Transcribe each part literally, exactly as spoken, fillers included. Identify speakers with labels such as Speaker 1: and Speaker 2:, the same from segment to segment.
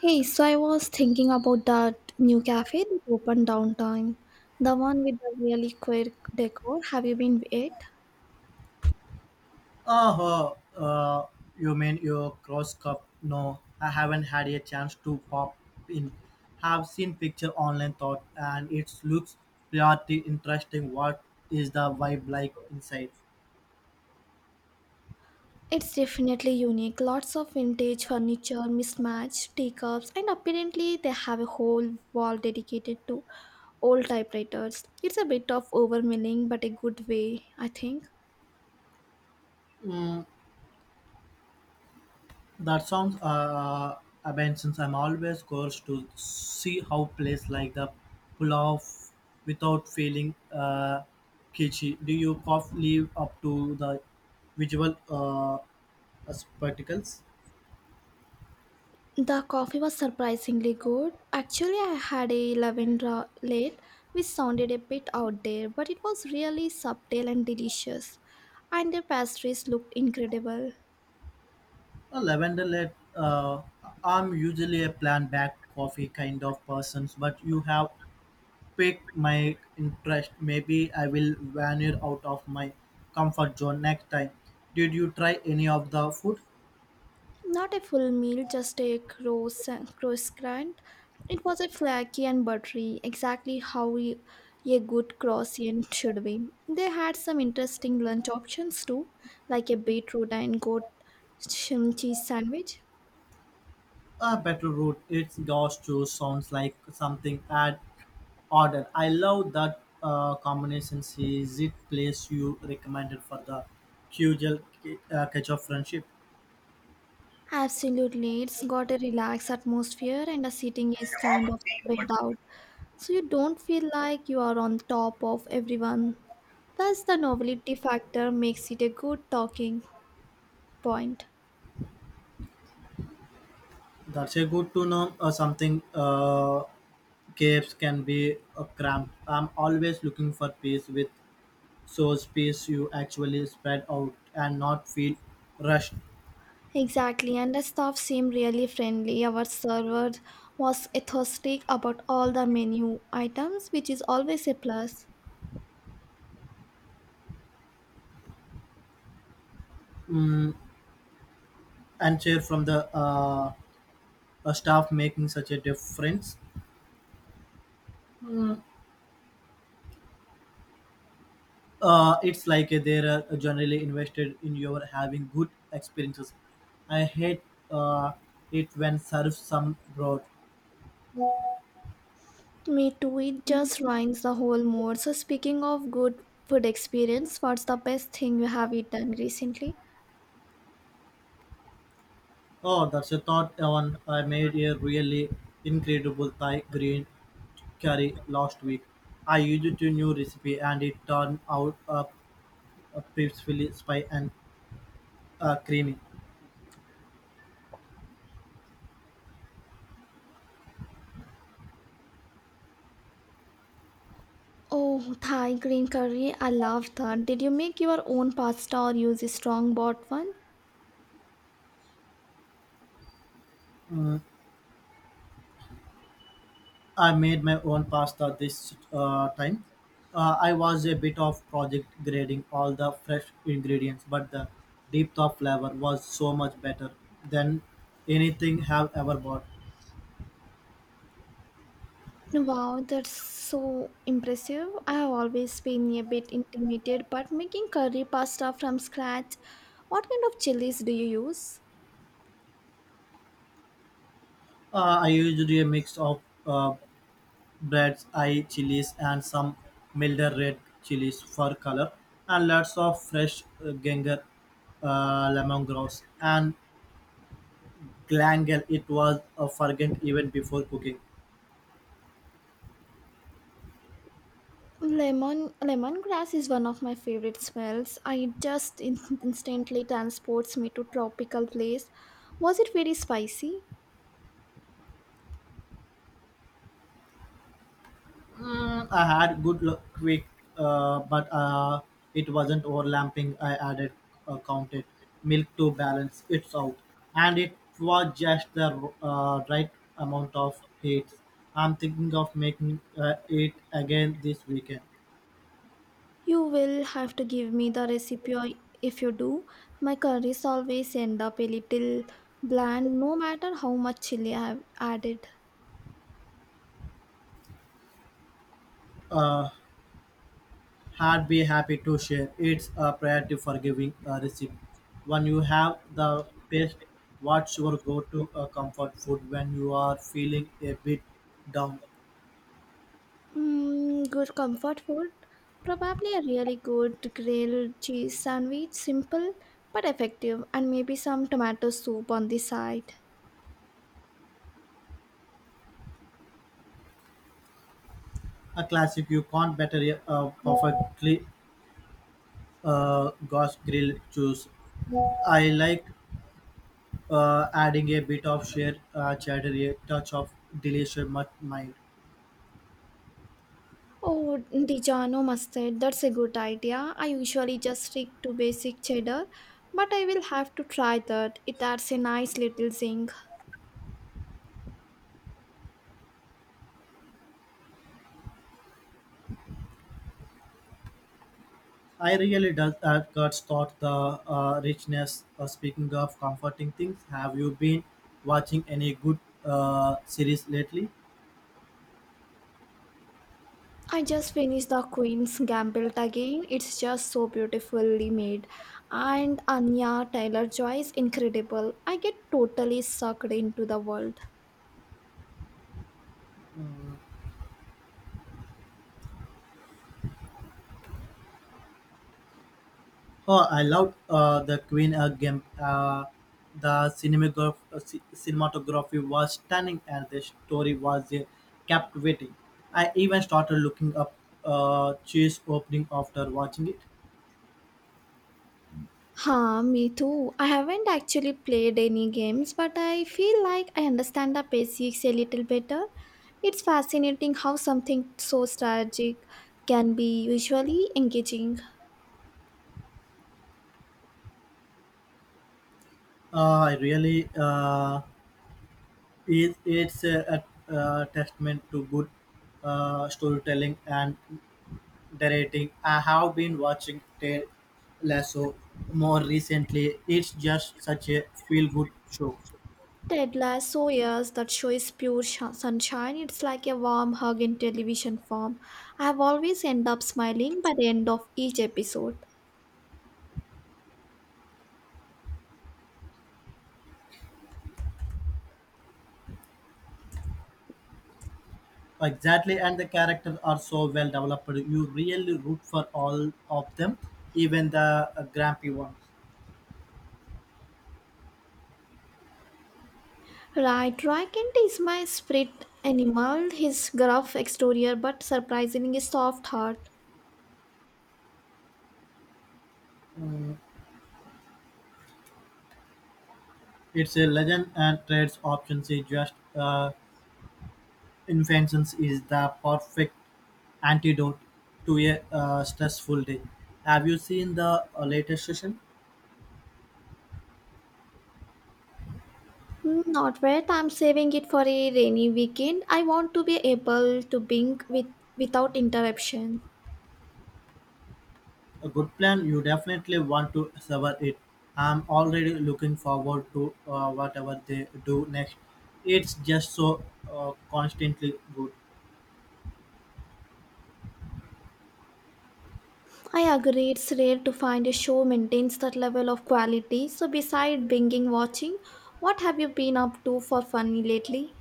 Speaker 1: Hey, so I was thinking about that new cafe that opened downtown, the one with the really quirk decor. Have you been it?
Speaker 2: Oh, uh, you mean your cross cup? No, I haven't had a chance to pop in. Have seen picture online thought, and it looks pretty interesting. What is the vibe like inside?
Speaker 1: It's definitely unique. Lots of vintage furniture, mismatched teacups, and apparently they have a whole wall dedicated to old typewriters. It's a bit of overwhelming, but a good way, I think.
Speaker 2: That sounds uh, abandons. I'm always curious to see how place like the pull off without feeling uh, kitschy. Do you cough live up to the visual uh, spectacles?
Speaker 1: The coffee was surprisingly good. Actually, I had a lavender latte, which sounded a bit out there, but it was really subtle and delicious. And the pastries looked incredible.
Speaker 2: A lavender let uh, I'm usually a plant back coffee kind of person, but you have piqued my interest. Maybe I will veer out of my comfort zone next time. Did you try any of the food?
Speaker 1: Not a full meal, just a croissant. croissant. It was a flaky and buttery, exactly how we- a good croissant should be. They had some interesting lunch options too, like a beetroot and goat cheese sandwich.
Speaker 2: A better route. It's gaucho sounds like something I'd order. I love that uh, combination. Is it place you recommended for the Qgel uh, catch of friendship?
Speaker 1: Absolutely, it's got a relaxed atmosphere and the seating is kind of spread out, so you don't feel like you are on top of everyone. Plus, the novelty factor makes it a good talking point.
Speaker 2: That's a good to know uh, something. Uh, Caves can be uh, cramped. I'm always looking for peace with so space you actually spread out and not feel rushed
Speaker 1: Exactly, and the staff seemed really friendly. Our server was enthusiastic about all the menu items, which is always a plus.
Speaker 2: and chair from the uh, uh, staff making such a difference. Uh, it's like uh, they're uh, generally invested in your having good experiences. I hate uh, it when serves some broad.
Speaker 1: Me too, it just ruins the whole mood. So, speaking of good food experience, what's the best thing you have eaten recently?
Speaker 2: Oh, that's a thought, Evan. I made a really incredible Thai green curry last week. I used a new recipe and it turned out uh, uh, peacefully spicy and uh, creamy.
Speaker 1: Oh, Thai green curry. I love that. Did you make your own pasta or use a strong bought one?
Speaker 2: I made my own pasta this uh, time. Uh, I was a bit of project grading all the fresh ingredients, but the depth of flavor was so much better than anything have ever bought.
Speaker 1: Wow, that's so impressive. I have always been a bit intimidated, but making curry pasta from scratch, what kind of chilies do you use?
Speaker 2: Uh, I used a mix of uh, Breads, eye chilies and some milder red chilies for color, and lots of fresh uh, ginger, uh, lemongrass, and glangal. It was uh, fragrant even before cooking.
Speaker 1: Lemon lemongrass is one of my favorite smells. I just in- instantly transports me to tropical place. Was it very spicy?
Speaker 2: Mm, I had good luck quick, uh, but uh, it wasn't overlapping. I added uh, counted milk to balance it out, and it was just the uh, right amount of heat. I'm thinking of making uh, it again this weekend.
Speaker 1: You will have to give me the recipe or- if you do. My curries always end up a little bland no matter how much chili I have added.
Speaker 2: Uh, I'd be happy to share. It's a priority for giving a receipt. When you have the best, what's your go-to uh, comfort food when you are feeling a bit down?
Speaker 1: Mm, good comfort food. Probably a really good grilled cheese sandwich, simple but effective, and maybe some tomato soup on the side.
Speaker 2: A classic you can't better a a perfectly uh, gosh grilled choose. I like uh, adding a bit of sheer uh, cheddar, a touch of delicious mut- mind.
Speaker 1: Oh, Dijano mustard, that's a good idea. I usually just stick to basic cheddar, but I will have to try that. It adds a nice little zing.
Speaker 2: I really does that cuts thought the uh, richness. Uh, speaking of comforting things, have you been watching any good uh, series lately?
Speaker 1: I just finished The Queen's Gambit again. It's just so beautifully made. And Anya Taylor-Joy is incredible. I get totally sucked into the world.
Speaker 2: Mm. Oh, I loved uh, the Queen uh, game. Uh, the cinematograph- uh, ci- cinematography was stunning, and the story was uh, captivating. I even started looking up uh, chase opening after watching it.
Speaker 1: Huh, me too. I haven't actually played any games, but I feel like I understand the basics a little better. It's fascinating how something so strategic can be visually engaging.
Speaker 2: Uh, I really uh, It, it's a, a, a testament to good uh, storytelling and directing. I have been watching Ted Lasso more recently. It's just such a feel good show.
Speaker 1: Ted Lasso, yes, that show is pure sh- sunshine. It's like a warm hug in television form. I have always end up smiling by the end of each episode.
Speaker 2: Exactly, and the characters are so well developed. You really root for all of them, even the uh, grumpy ones.
Speaker 1: Right, Rykent is my spirit animal. His gruff exterior, but surprisingly soft heart.
Speaker 2: It's a legend and trades options. It's just uh, Invention is the perfect antidote to a uh, stressful day. Have you seen the uh, latest session?
Speaker 1: Hmm, not yet. I'm saving it for a rainy weekend. I want to be able to bink with without interruption.
Speaker 2: A good plan. You definitely want to sever it. I'm already looking forward to uh, whatever they do next. It's just so uh, constantly good.
Speaker 1: I agree, it's rare to find a show maintains that level of quality. So, beside binging watching, what have you been up to for funny lately?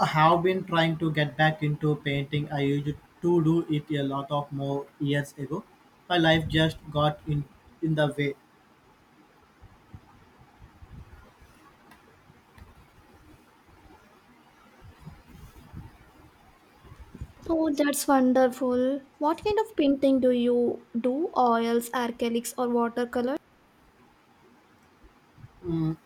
Speaker 2: I have been trying to get back into painting. I used to do it a lot of more years ago. My life just got in in the way.
Speaker 1: Oh, that's wonderful. What kind of painting do you do? Oils, acrylics, or watercolor?
Speaker 2: Mm,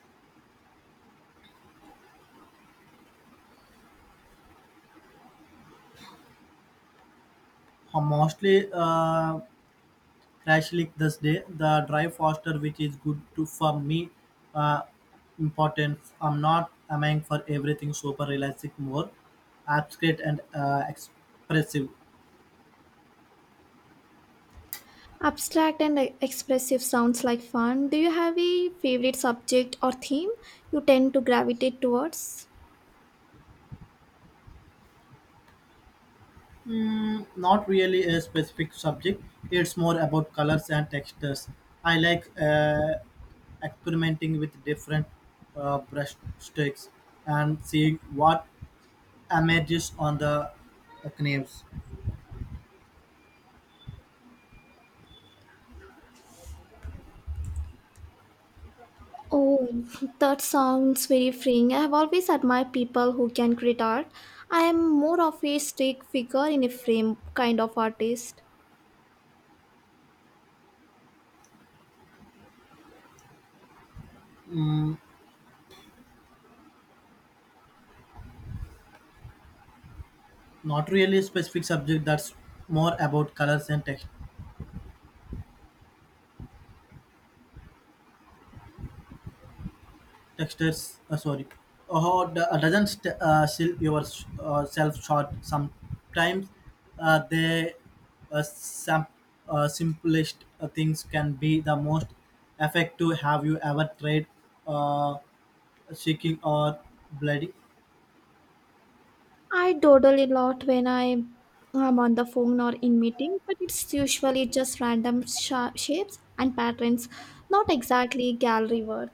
Speaker 2: mostly uh, Crashlyk this day the drive faster which is good to for me uh, important. I'm not aiming for everything super realistic, more abstract and uh, expressive.
Speaker 1: Abstract and expressive sounds like fun. Do you have a favorite subject or theme you tend to gravitate towards?
Speaker 2: Mm, not really a specific subject, it's more about colors and textures. I like uh, experimenting with different uh, brush strokes and seeing what emerges on the uh, knives.
Speaker 1: Oh, that sounds very freeing. I have always admired people who can create art. I am more of a stick figure in a frame kind of artist.
Speaker 2: Not really a specific subject, that's more about colors and tex- textures. Uh, sorry. Oh, d- uh, doesn't st- uh, sell yourself short. Sometimes uh, the uh, sam- uh, simplest uh, things can be the most effective. Have you ever tried uh, shaking or bloody?
Speaker 1: I dawdle a lot when I am on the phone or in meeting, but it's usually just random sha- shapes and patterns, not exactly gallery worth.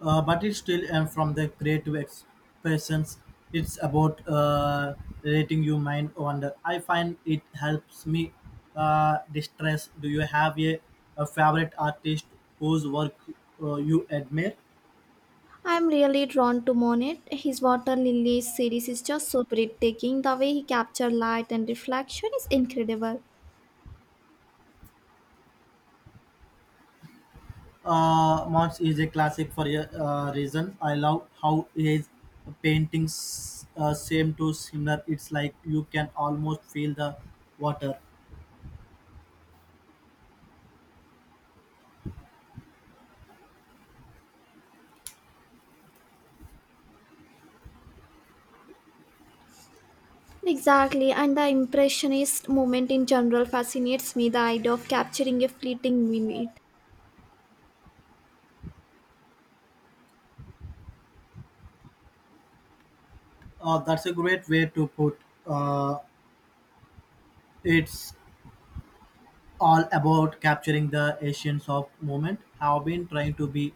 Speaker 2: Uh, but it's still and from the creative expressions, it's about uh, letting your mind wander. I find it helps me uh, distress. Do you have a, a favorite artist whose work uh, you admire?
Speaker 1: I'm really drawn to Monet. His Water Lilies series is just so breathtaking. The way he captured light and reflection is incredible.
Speaker 2: uh, Mons is a classic for a uh, reason. I love how his paintings uh, seem to similar, it's like you can almost feel the water.
Speaker 1: Exactly, and the Impressionist movement in general fascinates me. The idea of capturing a fleeting minute.
Speaker 2: Uh, that's a great way to put uh, it's all about capturing the essence of moment. I've been trying to be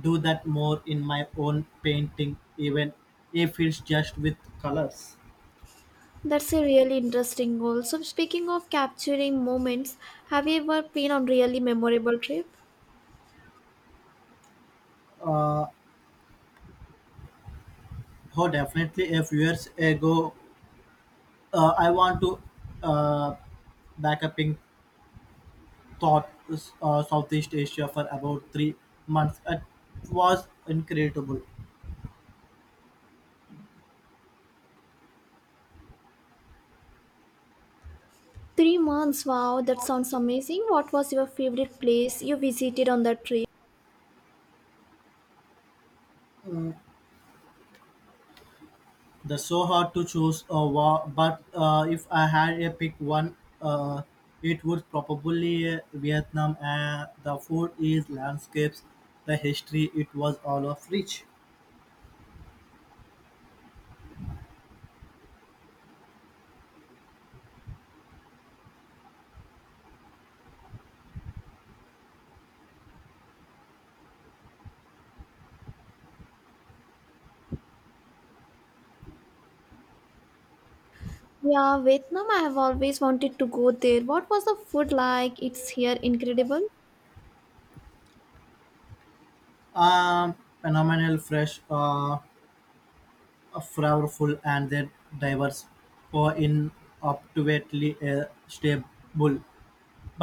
Speaker 2: do that more in my own painting, even if it's just with colors.
Speaker 1: That's a really interesting goal. So, speaking of capturing moments, have you ever been on really memorable trip?
Speaker 2: Uh, oh, definitely. A few years ago, uh, I want to uh, back up in thought uh, Southeast Asia for about three months. It was incredible.
Speaker 1: Three months. Wow, that sounds amazing. What was your favorite place you visited on that trip?
Speaker 2: The so hard to choose, uh, wa- but uh, if I had a pick one, uh, it would probably uh, Vietnam. Uh, the food is landscapes, the history. It was all of rich,
Speaker 1: Yeah, Vietnam. I have always wanted to go there. What was the food like? It's here incredible.
Speaker 2: um, phenomenal, fresh, uh, flavorful, and then diverse, or in up to a stable.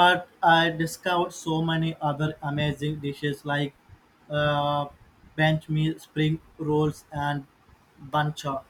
Speaker 2: But I discovered so many other amazing dishes like uh, bench meal, spring rolls, and bancha.